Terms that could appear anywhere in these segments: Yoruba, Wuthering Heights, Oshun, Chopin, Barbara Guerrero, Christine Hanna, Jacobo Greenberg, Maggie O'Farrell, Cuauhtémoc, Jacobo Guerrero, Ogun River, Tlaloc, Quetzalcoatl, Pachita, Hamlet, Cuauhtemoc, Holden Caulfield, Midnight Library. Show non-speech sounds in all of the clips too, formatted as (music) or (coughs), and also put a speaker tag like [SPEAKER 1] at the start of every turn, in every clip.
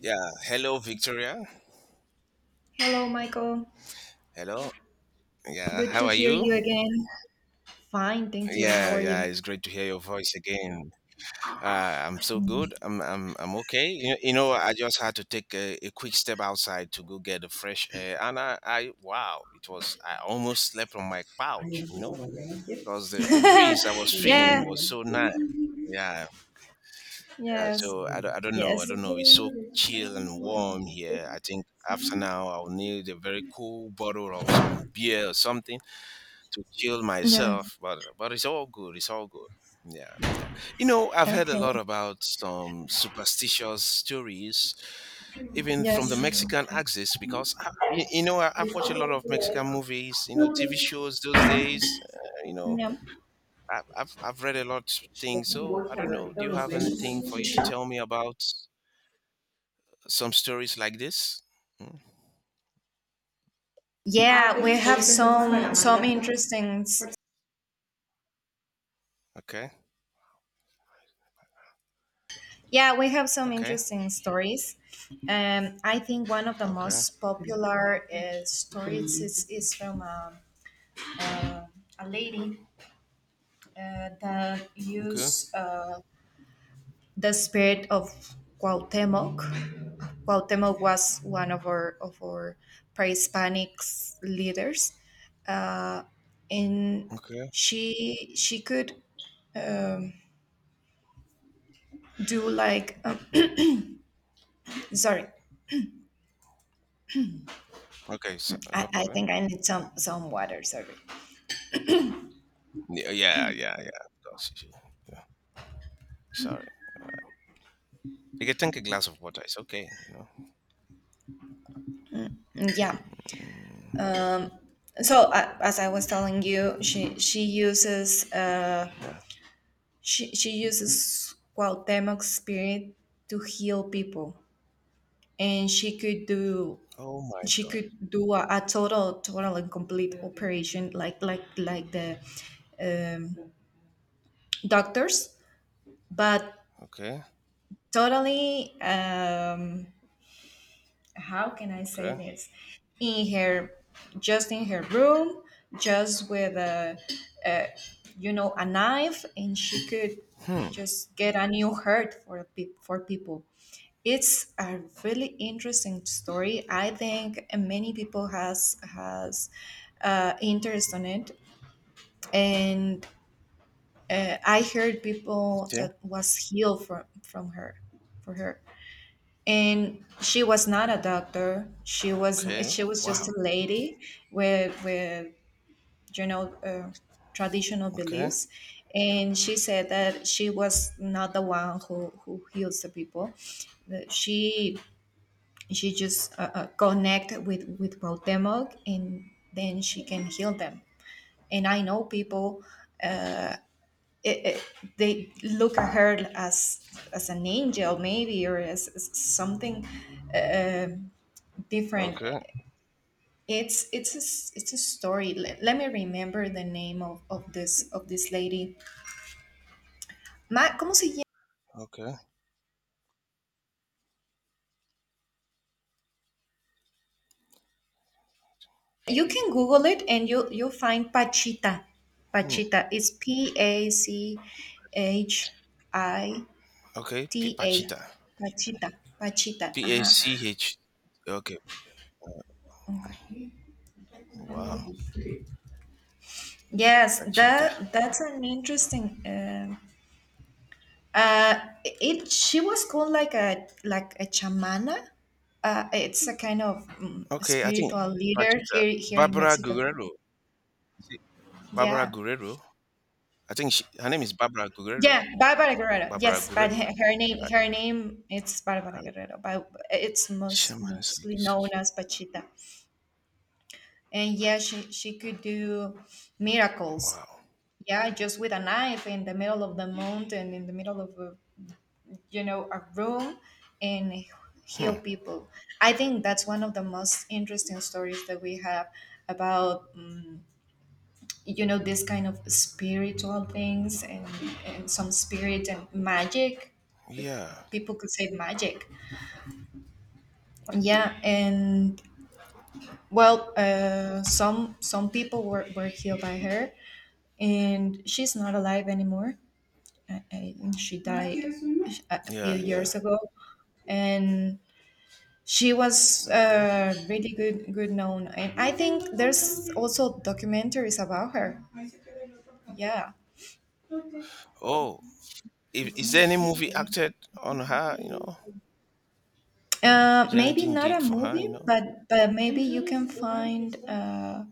[SPEAKER 1] Yeah, hello, Victoria.
[SPEAKER 2] Hello, Michael.
[SPEAKER 1] Hello. Yeah,
[SPEAKER 2] Good
[SPEAKER 1] how
[SPEAKER 2] to
[SPEAKER 1] are
[SPEAKER 2] hear
[SPEAKER 1] you?
[SPEAKER 2] you again. Fine, thank you. How
[SPEAKER 1] Yeah,
[SPEAKER 2] are
[SPEAKER 1] yeah,
[SPEAKER 2] you?
[SPEAKER 1] it's great to hear your voice again. Uh, I'm so good. I'm okay. I just had to take a quick step outside to go get the fresh air, and wow, it was. I almost slept on my couch, you know, because the breeze I was
[SPEAKER 2] Yeah,
[SPEAKER 1] feeling was so nice. Yeah, yeah.
[SPEAKER 2] yes,
[SPEAKER 1] So I don't know. I
[SPEAKER 2] yes.
[SPEAKER 1] don't know. It's so chill and warm here. I think after now I'll need a very cool bottle of some beer or something to kill
[SPEAKER 2] Yeah,
[SPEAKER 1] myself, but it's all good. It's all good. Yeah, yeah. You know, I've heard a
[SPEAKER 2] okay.
[SPEAKER 1] lot about some superstitious stories, even from the
[SPEAKER 2] Yes.
[SPEAKER 1] Mexican axis, because you know I've watched a lot of Mexican movies, you know, TV shows those days. You know,
[SPEAKER 2] Yeah.
[SPEAKER 1] I've read a lot of things. So I don't know. Do you have anything for you to tell me about some stories like this? Mm,
[SPEAKER 2] Yeah, we have
[SPEAKER 1] hello.
[SPEAKER 2] some interesting
[SPEAKER 1] Okay.
[SPEAKER 2] yeah, we have some
[SPEAKER 1] Okay.
[SPEAKER 2] interesting stories. I think one of the
[SPEAKER 1] Okay.
[SPEAKER 2] most popular stories is from a lady that
[SPEAKER 1] Okay.
[SPEAKER 2] used the spirit of Cuauhtemoc Cuauhtemoc was one of our pre-Hispanic leaders, uh, and
[SPEAKER 1] Okay.
[SPEAKER 2] she could um, do like (coughs) (clears throat) sorry,
[SPEAKER 1] Okay. So,
[SPEAKER 2] I,
[SPEAKER 1] no
[SPEAKER 2] I
[SPEAKER 1] problem.
[SPEAKER 2] think I need
[SPEAKER 1] Right.
[SPEAKER 2] some water. Sorry,
[SPEAKER 1] Yeah, yeah, yeah, yeah. Of course. Yeah. Sorry. You can take a glass of water. It's okay. You know.
[SPEAKER 2] yeah.
[SPEAKER 1] Mm,
[SPEAKER 2] Um, so as I was telling you,
[SPEAKER 1] yeah.
[SPEAKER 2] she uses Cuauhtemoc's spirit to heal people, and
[SPEAKER 1] Oh my
[SPEAKER 2] she
[SPEAKER 1] God.
[SPEAKER 2] could do a total and complete operation like the um, doctors but
[SPEAKER 1] Okay.
[SPEAKER 2] totally um, how can I say
[SPEAKER 1] Okay.
[SPEAKER 2] this? In her, just in her room, just with a, you know, a knife, and she could
[SPEAKER 1] Hmm.
[SPEAKER 2] just get a new heart for for people. It's a really interesting story. I think many people has interest on it. And I heard people
[SPEAKER 1] Okay.
[SPEAKER 2] that was healed from her, for her. And she was not a doctor, she was,
[SPEAKER 1] Okay.
[SPEAKER 2] just
[SPEAKER 1] Wow.
[SPEAKER 2] a lady with, you know, traditional
[SPEAKER 1] Okay.
[SPEAKER 2] beliefs. And she said that she was not the one who heals the people, that she just connect with Cuauhtemoc, and then she can heal them. And I know people, they look at her as an angel maybe, or as something uh, different.
[SPEAKER 1] Okay.
[SPEAKER 2] It's a, it's a story. Let me remember the name of this, of this lady. Ma, ¿cómo se llama?
[SPEAKER 1] Okay.
[SPEAKER 2] You can google it, and you, you'll find Pachita.
[SPEAKER 1] Hmm.
[SPEAKER 2] Pachita, it's P A C H I
[SPEAKER 1] Okay.
[SPEAKER 2] T A.
[SPEAKER 1] Pachita.
[SPEAKER 2] Pachita. Pachita,
[SPEAKER 1] P A
[SPEAKER 2] uh-huh.
[SPEAKER 1] C H. Okay.
[SPEAKER 2] Okay.
[SPEAKER 1] Wow.
[SPEAKER 2] Yes,
[SPEAKER 1] Pachita.
[SPEAKER 2] that that's an interesting um, it, she was called like a chamana. It's a kind of mm,
[SPEAKER 1] Okay. I think
[SPEAKER 2] spiritual leader
[SPEAKER 1] Pachita.
[SPEAKER 2] here, here in
[SPEAKER 1] Barbara
[SPEAKER 2] Mexico.
[SPEAKER 1] Guerrero. Is it Barbara
[SPEAKER 2] Yeah.
[SPEAKER 1] Guerrero? I think her name is Barbara
[SPEAKER 2] Yeah,
[SPEAKER 1] Guerrero.
[SPEAKER 2] Barbara Guerrero.
[SPEAKER 1] Barbara
[SPEAKER 2] Yes, but her,
[SPEAKER 1] Guerrero. Right.
[SPEAKER 2] her name it's Barbara
[SPEAKER 1] Uh,
[SPEAKER 2] Guerrero, but it's
[SPEAKER 1] Shaman is like,
[SPEAKER 2] mostly known as Pachita. And yeah, she could do miracles.
[SPEAKER 1] wow.
[SPEAKER 2] Yeah, just with a knife, in the middle of the mountain, in the middle of a, you know, a room, and heal
[SPEAKER 1] Hmm.
[SPEAKER 2] people. I think that's one of the most interesting stories that we have about, you know, this kind of spiritual things, and some spirit and magic.
[SPEAKER 1] Yeah,
[SPEAKER 2] People could say magic, yeah. And well, some people were healed by her, and she's not alive anymore. I think she died a few
[SPEAKER 1] yeah, yeah.
[SPEAKER 2] years ago. And she was
[SPEAKER 1] Okay.
[SPEAKER 2] really good known, and I think there's also documentaries about her. Yeah.
[SPEAKER 1] Oh, is there any movie acted on her? You know, is
[SPEAKER 2] Maybe
[SPEAKER 1] anything
[SPEAKER 2] not a
[SPEAKER 1] did for her?
[SPEAKER 2] movie,
[SPEAKER 1] You know.
[SPEAKER 2] but maybe you can find uh,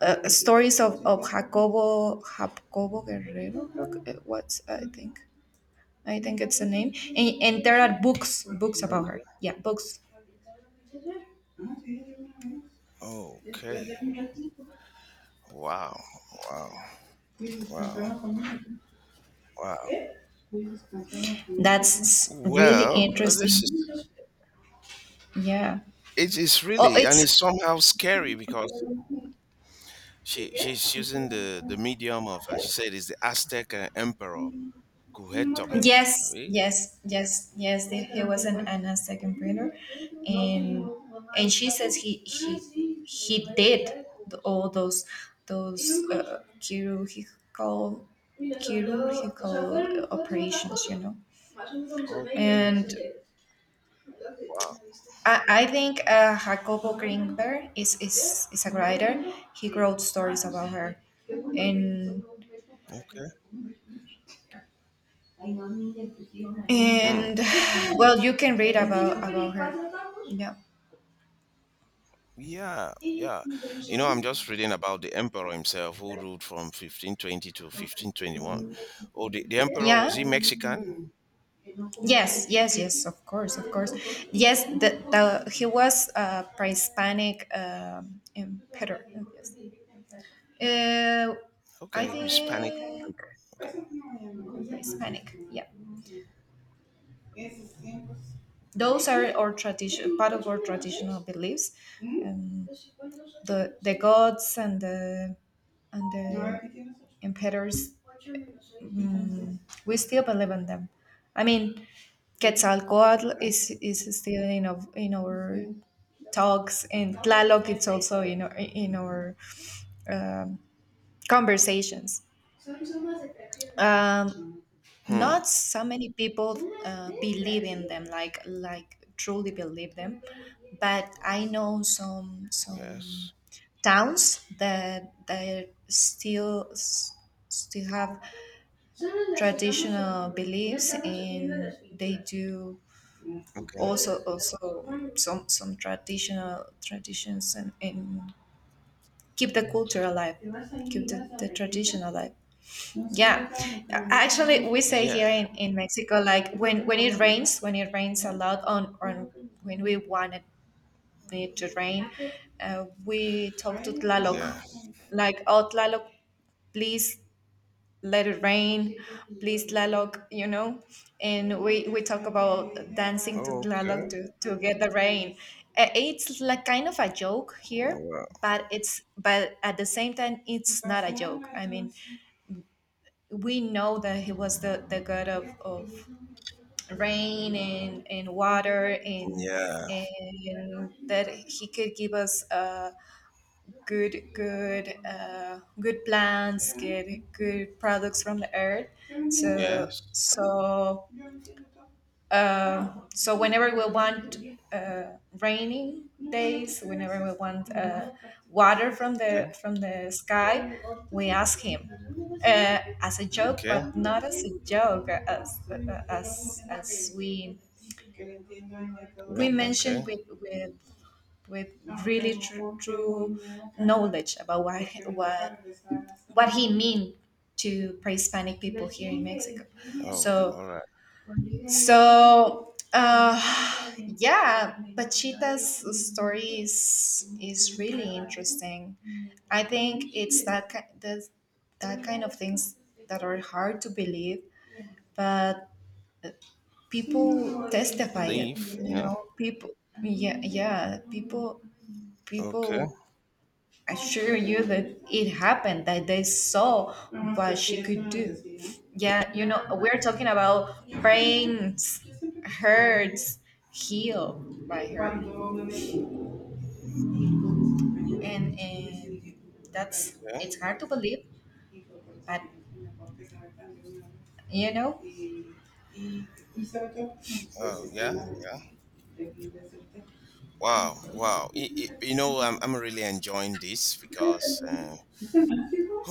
[SPEAKER 2] uh, stories of Jacobo Guerrero, creo, what's I think, I think it's the name. And there are books about her.
[SPEAKER 1] Okay.
[SPEAKER 2] Yeah, books.
[SPEAKER 1] Okay. Wow. Wow. Wow. Wow.
[SPEAKER 2] That's really
[SPEAKER 1] Well, this
[SPEAKER 2] interesting.
[SPEAKER 1] is
[SPEAKER 2] Yeah.
[SPEAKER 1] it is
[SPEAKER 2] Oh,
[SPEAKER 1] really and
[SPEAKER 2] it's
[SPEAKER 1] it's somehow scary because she's using the medium of she said is the Aztec emperor Cuauhtémoc.
[SPEAKER 2] yes,
[SPEAKER 1] Really?
[SPEAKER 2] yes, yes, yes. There, he was an Anna second breeder, and and she says he he did the, all those uh, chirurgical chirurgical operations, you know.
[SPEAKER 1] Okay.
[SPEAKER 2] And
[SPEAKER 1] Wow.
[SPEAKER 2] I think Jacobo Greenberg is a writer. He wrote stories about her. And
[SPEAKER 1] Okay. Hmm.
[SPEAKER 2] and (sighs) well, you can read about her. Yeah.
[SPEAKER 1] Yeah, yeah. You know, I'm just reading about the emperor himself who ruled from 1520 to 1521. Oh, the emperor,
[SPEAKER 2] Yeah.
[SPEAKER 1] was he Mexican?
[SPEAKER 2] Yes, yes, yes, of course, of course. Yes, the, he was a pre-Hispanic emperor. Yes. Uh, I
[SPEAKER 1] Okay, Hispanic.
[SPEAKER 2] think
[SPEAKER 1] Okay.
[SPEAKER 2] Hispanic. Yeah. Those are our tradition, part of our traditional beliefs. Um, the gods, and the, and ¿No, the emperors. Mm, we still believe in them. I mean, Quetzalcoatl is still in of in our talks, and Tlaloc it's also in our, in our, um, conversations. Um,
[SPEAKER 1] Hmm.
[SPEAKER 2] not so many people believe in them, like truly believe them. But I know some
[SPEAKER 1] Yes.
[SPEAKER 2] towns that, that still still have traditional beliefs, and they do
[SPEAKER 1] Okay.
[SPEAKER 2] also also some traditional traditions, and keep the culture alive, keep the tradition alive. Yeah, actually, we say
[SPEAKER 1] Yeah.
[SPEAKER 2] here in Mexico, like when it rains a lot on, when we want it, it to rain, we talk to Tlaloc,
[SPEAKER 1] Yeah.
[SPEAKER 2] like oh Tlaloc, please let it rain, please Tlaloc, you know. And we talk about dancing to
[SPEAKER 1] Oh,
[SPEAKER 2] Tlaloc
[SPEAKER 1] okay.
[SPEAKER 2] to get the rain. It's like kind of a joke here,
[SPEAKER 1] Well,
[SPEAKER 2] but it's, but at the same time, it's not a joke. I mean, we know that he was the god of rain and water,
[SPEAKER 1] yeah.
[SPEAKER 2] and that he could give us good good plants, get good products from the earth. So
[SPEAKER 1] Yes.
[SPEAKER 2] so so whenever we want uh, rainy days, whenever we want water from
[SPEAKER 1] Okay.
[SPEAKER 2] the, from the sky, we ask him, as a joke,
[SPEAKER 1] Okay.
[SPEAKER 2] but not as a joke, as
[SPEAKER 1] Okay.
[SPEAKER 2] we mentioned
[SPEAKER 1] Okay.
[SPEAKER 2] with really true, true knowledge about what what he mean to pre-Hispanic people here in Mexico.
[SPEAKER 1] Oh,
[SPEAKER 2] So
[SPEAKER 1] all right.
[SPEAKER 2] so yeah, Pachita's story is really interesting. I think it's that that, that kind of things that are hard to believe, but people testify it.
[SPEAKER 1] Belief.
[SPEAKER 2] You
[SPEAKER 1] Yeah.
[SPEAKER 2] know, people. Yeah, yeah, people,
[SPEAKER 1] Okay.
[SPEAKER 2] people assure you that it happened, that they saw what she could do. Yeah, you know, we're talking about brains, hurts, heal by her. And that's,
[SPEAKER 1] Okay.
[SPEAKER 2] it's hard to believe, but, you know.
[SPEAKER 1] Oh, yeah. Yeah. Wow. Wow. You know, I'm really enjoying this because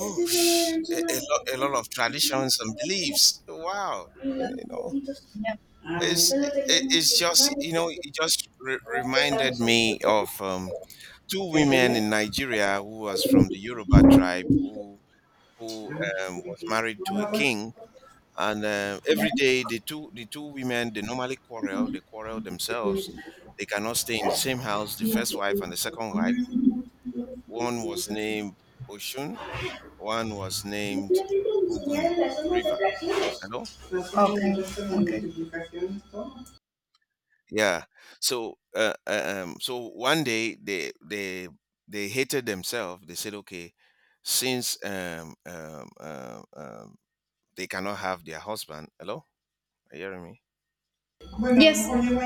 [SPEAKER 2] Es que solo eran solo
[SPEAKER 1] a lot of traditions and beliefs. Wow,
[SPEAKER 2] y
[SPEAKER 1] you
[SPEAKER 2] los
[SPEAKER 1] know, you know,
[SPEAKER 2] poquitos teníamos. Ah, bueno,
[SPEAKER 1] it's
[SPEAKER 2] solo teníamos
[SPEAKER 1] it's
[SPEAKER 2] que sumar
[SPEAKER 1] just
[SPEAKER 2] y
[SPEAKER 1] you know,
[SPEAKER 2] porque
[SPEAKER 1] it just
[SPEAKER 2] todavía
[SPEAKER 1] reminded
[SPEAKER 2] estamos en
[SPEAKER 1] me
[SPEAKER 2] proceso.
[SPEAKER 1] of two
[SPEAKER 2] ¿Qué
[SPEAKER 1] women
[SPEAKER 2] aprender?
[SPEAKER 1] in Nigeria who was from the Yoruba tribe who
[SPEAKER 2] Ah,
[SPEAKER 1] was
[SPEAKER 2] ok.
[SPEAKER 1] married to
[SPEAKER 2] Bueno,
[SPEAKER 1] a
[SPEAKER 2] pues,
[SPEAKER 1] king, and
[SPEAKER 2] ya.
[SPEAKER 1] every day the two women they normally quarrel, they quarrel
[SPEAKER 2] Yo te
[SPEAKER 1] themselves.
[SPEAKER 2] comento,
[SPEAKER 1] They cannot stay in the same house. The first wife and the second wife. One
[SPEAKER 2] no
[SPEAKER 1] was
[SPEAKER 2] sé qué.
[SPEAKER 1] named Oshun, one was named Ogun
[SPEAKER 2] Las zonas de
[SPEAKER 1] River. You
[SPEAKER 2] fracciones.
[SPEAKER 1] know?
[SPEAKER 2] Las, ok, multiplicaciones, ok, multiplicaciones, todo.
[SPEAKER 1] Yeah. So so one day they they hated themselves. They said, okay, since they cannot have their husband. Hello, are you hearing me?
[SPEAKER 2] Bueno, yes, a lo mejor,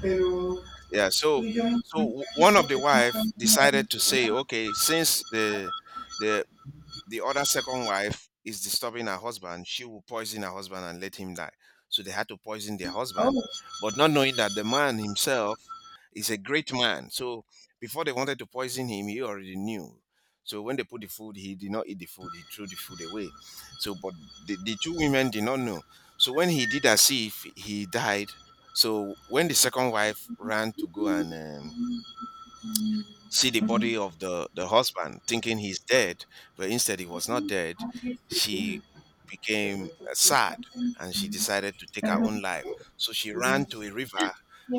[SPEAKER 2] pero,
[SPEAKER 1] Yeah. So
[SPEAKER 2] tu joined aqui
[SPEAKER 1] one of
[SPEAKER 2] porque
[SPEAKER 1] the
[SPEAKER 2] estão
[SPEAKER 1] wife
[SPEAKER 2] caminhando.
[SPEAKER 1] decided to say, okay, since the the other second wife is disturbing her husband, she will poison her husband and let him die. So they had to poison their husband,
[SPEAKER 2] Oh,
[SPEAKER 1] but not knowing that the man himself is a great man. So before they wanted to poison him, he already knew. So when they put the food, he did not eat the food. He threw the food away. So, but the two women did not know. So when he did as if he died, so when the second wife ran to go and see the
[SPEAKER 2] mhm.
[SPEAKER 1] body of the husband thinking he's dead but instead he was not dead
[SPEAKER 2] Mhm.
[SPEAKER 1] she became sad and she decided to take her own life. So she ran to a river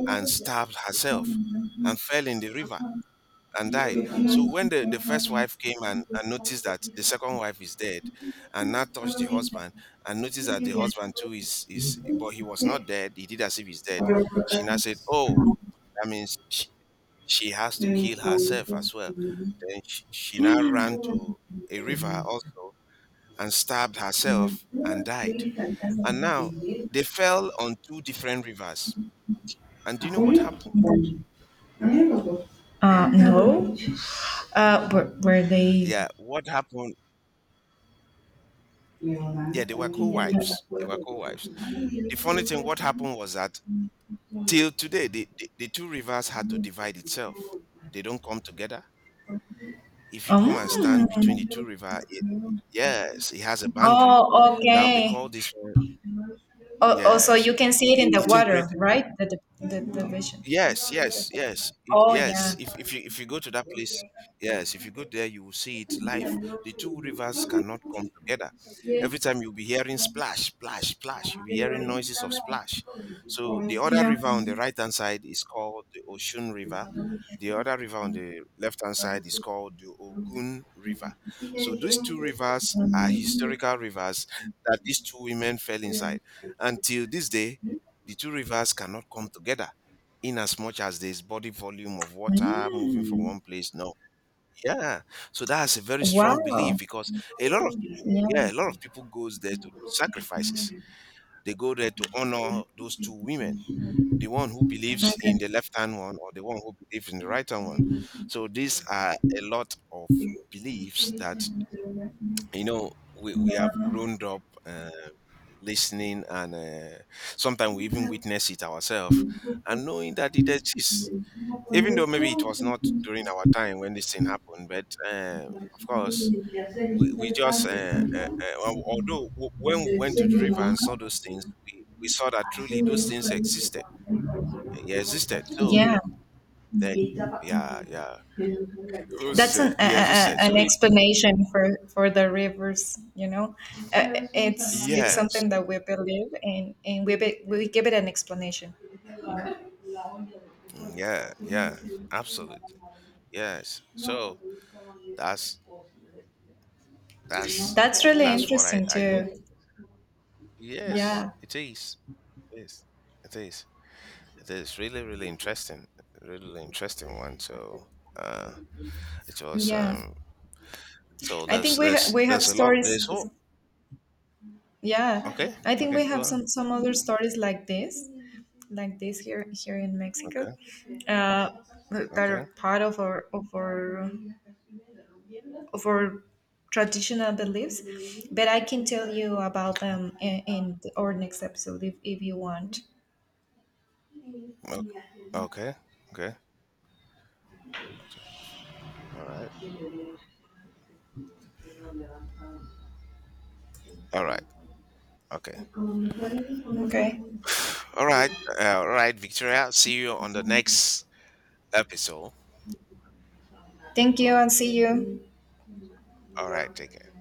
[SPEAKER 1] and stabbed herself and fell in the river and
[SPEAKER 2] Eu
[SPEAKER 1] died.
[SPEAKER 2] tenho
[SPEAKER 1] So when
[SPEAKER 2] um.
[SPEAKER 1] the first wife came and noticed that the second wife is dead and now touched the husband and noticed that the husband too is but he was not dead, he did as if he's dead.
[SPEAKER 2] Agora por
[SPEAKER 1] She
[SPEAKER 2] cá.
[SPEAKER 1] now said, oh, that means she has
[SPEAKER 2] Na
[SPEAKER 1] to
[SPEAKER 2] minha
[SPEAKER 1] kill
[SPEAKER 2] saúde,
[SPEAKER 1] herself
[SPEAKER 2] a
[SPEAKER 1] as well.
[SPEAKER 2] Júlia?
[SPEAKER 1] Then she now ran to a river also and stabbed herself and died. And now they fell on two different rivers. And do you know what
[SPEAKER 2] A
[SPEAKER 1] happened?
[SPEAKER 2] minha gostou. No. Were they?
[SPEAKER 1] Yeah, what happened? Yeah,
[SPEAKER 2] Leonardo
[SPEAKER 1] they were
[SPEAKER 2] também.
[SPEAKER 1] co-wives. They were co-wives. The funny thing, what happened was that till today, the two rivers had to divide itself. They don't come together. If you come and stand between the two
[SPEAKER 2] Um.
[SPEAKER 1] rivers, yes, it has a boundary.
[SPEAKER 2] Oh,
[SPEAKER 1] Now they
[SPEAKER 2] okay.
[SPEAKER 1] call this one,
[SPEAKER 2] Oh, oh, so
[SPEAKER 1] yes,
[SPEAKER 2] you can see it in the
[SPEAKER 1] it didn't create.
[SPEAKER 2] water, right? The vision.
[SPEAKER 1] Yes, yes, yes,
[SPEAKER 2] Oh, yeah.
[SPEAKER 1] yes. If you go to that place, yes, if you go there, you will see it live. The two rivers cannot come together.
[SPEAKER 2] Yeah.
[SPEAKER 1] Every time you'll be hearing splash, splash, splash. You'll be hearing
[SPEAKER 2] Mm.
[SPEAKER 1] noises of splash. So the other river on the right hand side is called the Oshun River. The other river on the left hand side is called the Ogun River. So these two rivers are historical rivers that these two women fell inside. Until this day, the two rivers cannot come together in as much as there's body volume of water moving from
[SPEAKER 2] Mm.
[SPEAKER 1] one place. No, yeah. So that's a very strong belief
[SPEAKER 2] Wow.
[SPEAKER 1] because a lot of people,
[SPEAKER 2] Yeah.
[SPEAKER 1] yeah, a lot of people goes there to do sacrifices. They go there to honor those two women, the one who believes in
[SPEAKER 2] Okay.
[SPEAKER 1] the left hand one or the one who believes in the right hand one. So these are a lot of beliefs that you know we have grown up listening and sometimes we even witness it ourselves and knowing that it exists even though maybe it was not during our time when this thing happened, but of course, we just, although when we went to the river
[SPEAKER 2] Yeah.
[SPEAKER 1] and saw those things, we saw that truly those things existed. They existed. So,
[SPEAKER 2] Yeah,
[SPEAKER 1] they, yeah, yeah. Those is
[SPEAKER 2] that's an
[SPEAKER 1] it.
[SPEAKER 2] a,
[SPEAKER 1] Yeah, existed.
[SPEAKER 2] an
[SPEAKER 1] So,
[SPEAKER 2] explanation for the rivers. You know, it's
[SPEAKER 1] yes.
[SPEAKER 2] something that we believe, and we we give it an explanation.
[SPEAKER 1] Mm, yeah, yeah. Absolutely. Yes. So, that's, that's,
[SPEAKER 2] That's really
[SPEAKER 1] that's what
[SPEAKER 2] interesting
[SPEAKER 1] I
[SPEAKER 2] too.
[SPEAKER 1] noticed. Yes,
[SPEAKER 2] Yeah,
[SPEAKER 1] it is. Yes, it is. It is really, really interesting one. So uh, it was
[SPEAKER 2] yeah.
[SPEAKER 1] so
[SPEAKER 2] I think we we have
[SPEAKER 1] there's a lot.
[SPEAKER 2] stories.
[SPEAKER 1] There's oh
[SPEAKER 2] Yeah,
[SPEAKER 1] okay
[SPEAKER 2] I think
[SPEAKER 1] okay
[SPEAKER 2] we
[SPEAKER 1] go
[SPEAKER 2] have
[SPEAKER 1] on
[SPEAKER 2] some other stories like this, like this here, here in Mexico.
[SPEAKER 1] okay
[SPEAKER 2] Uh, that
[SPEAKER 1] okay
[SPEAKER 2] are part of our of our of our traditional beliefs. But I can tell you about them in our next episode if you want.
[SPEAKER 1] okay okay okay So, all right all right okay
[SPEAKER 2] Okay.
[SPEAKER 1] (sighs) all right all right Victoria. See you on the next episode.
[SPEAKER 2] Thank you and see you.
[SPEAKER 1] All right, take care.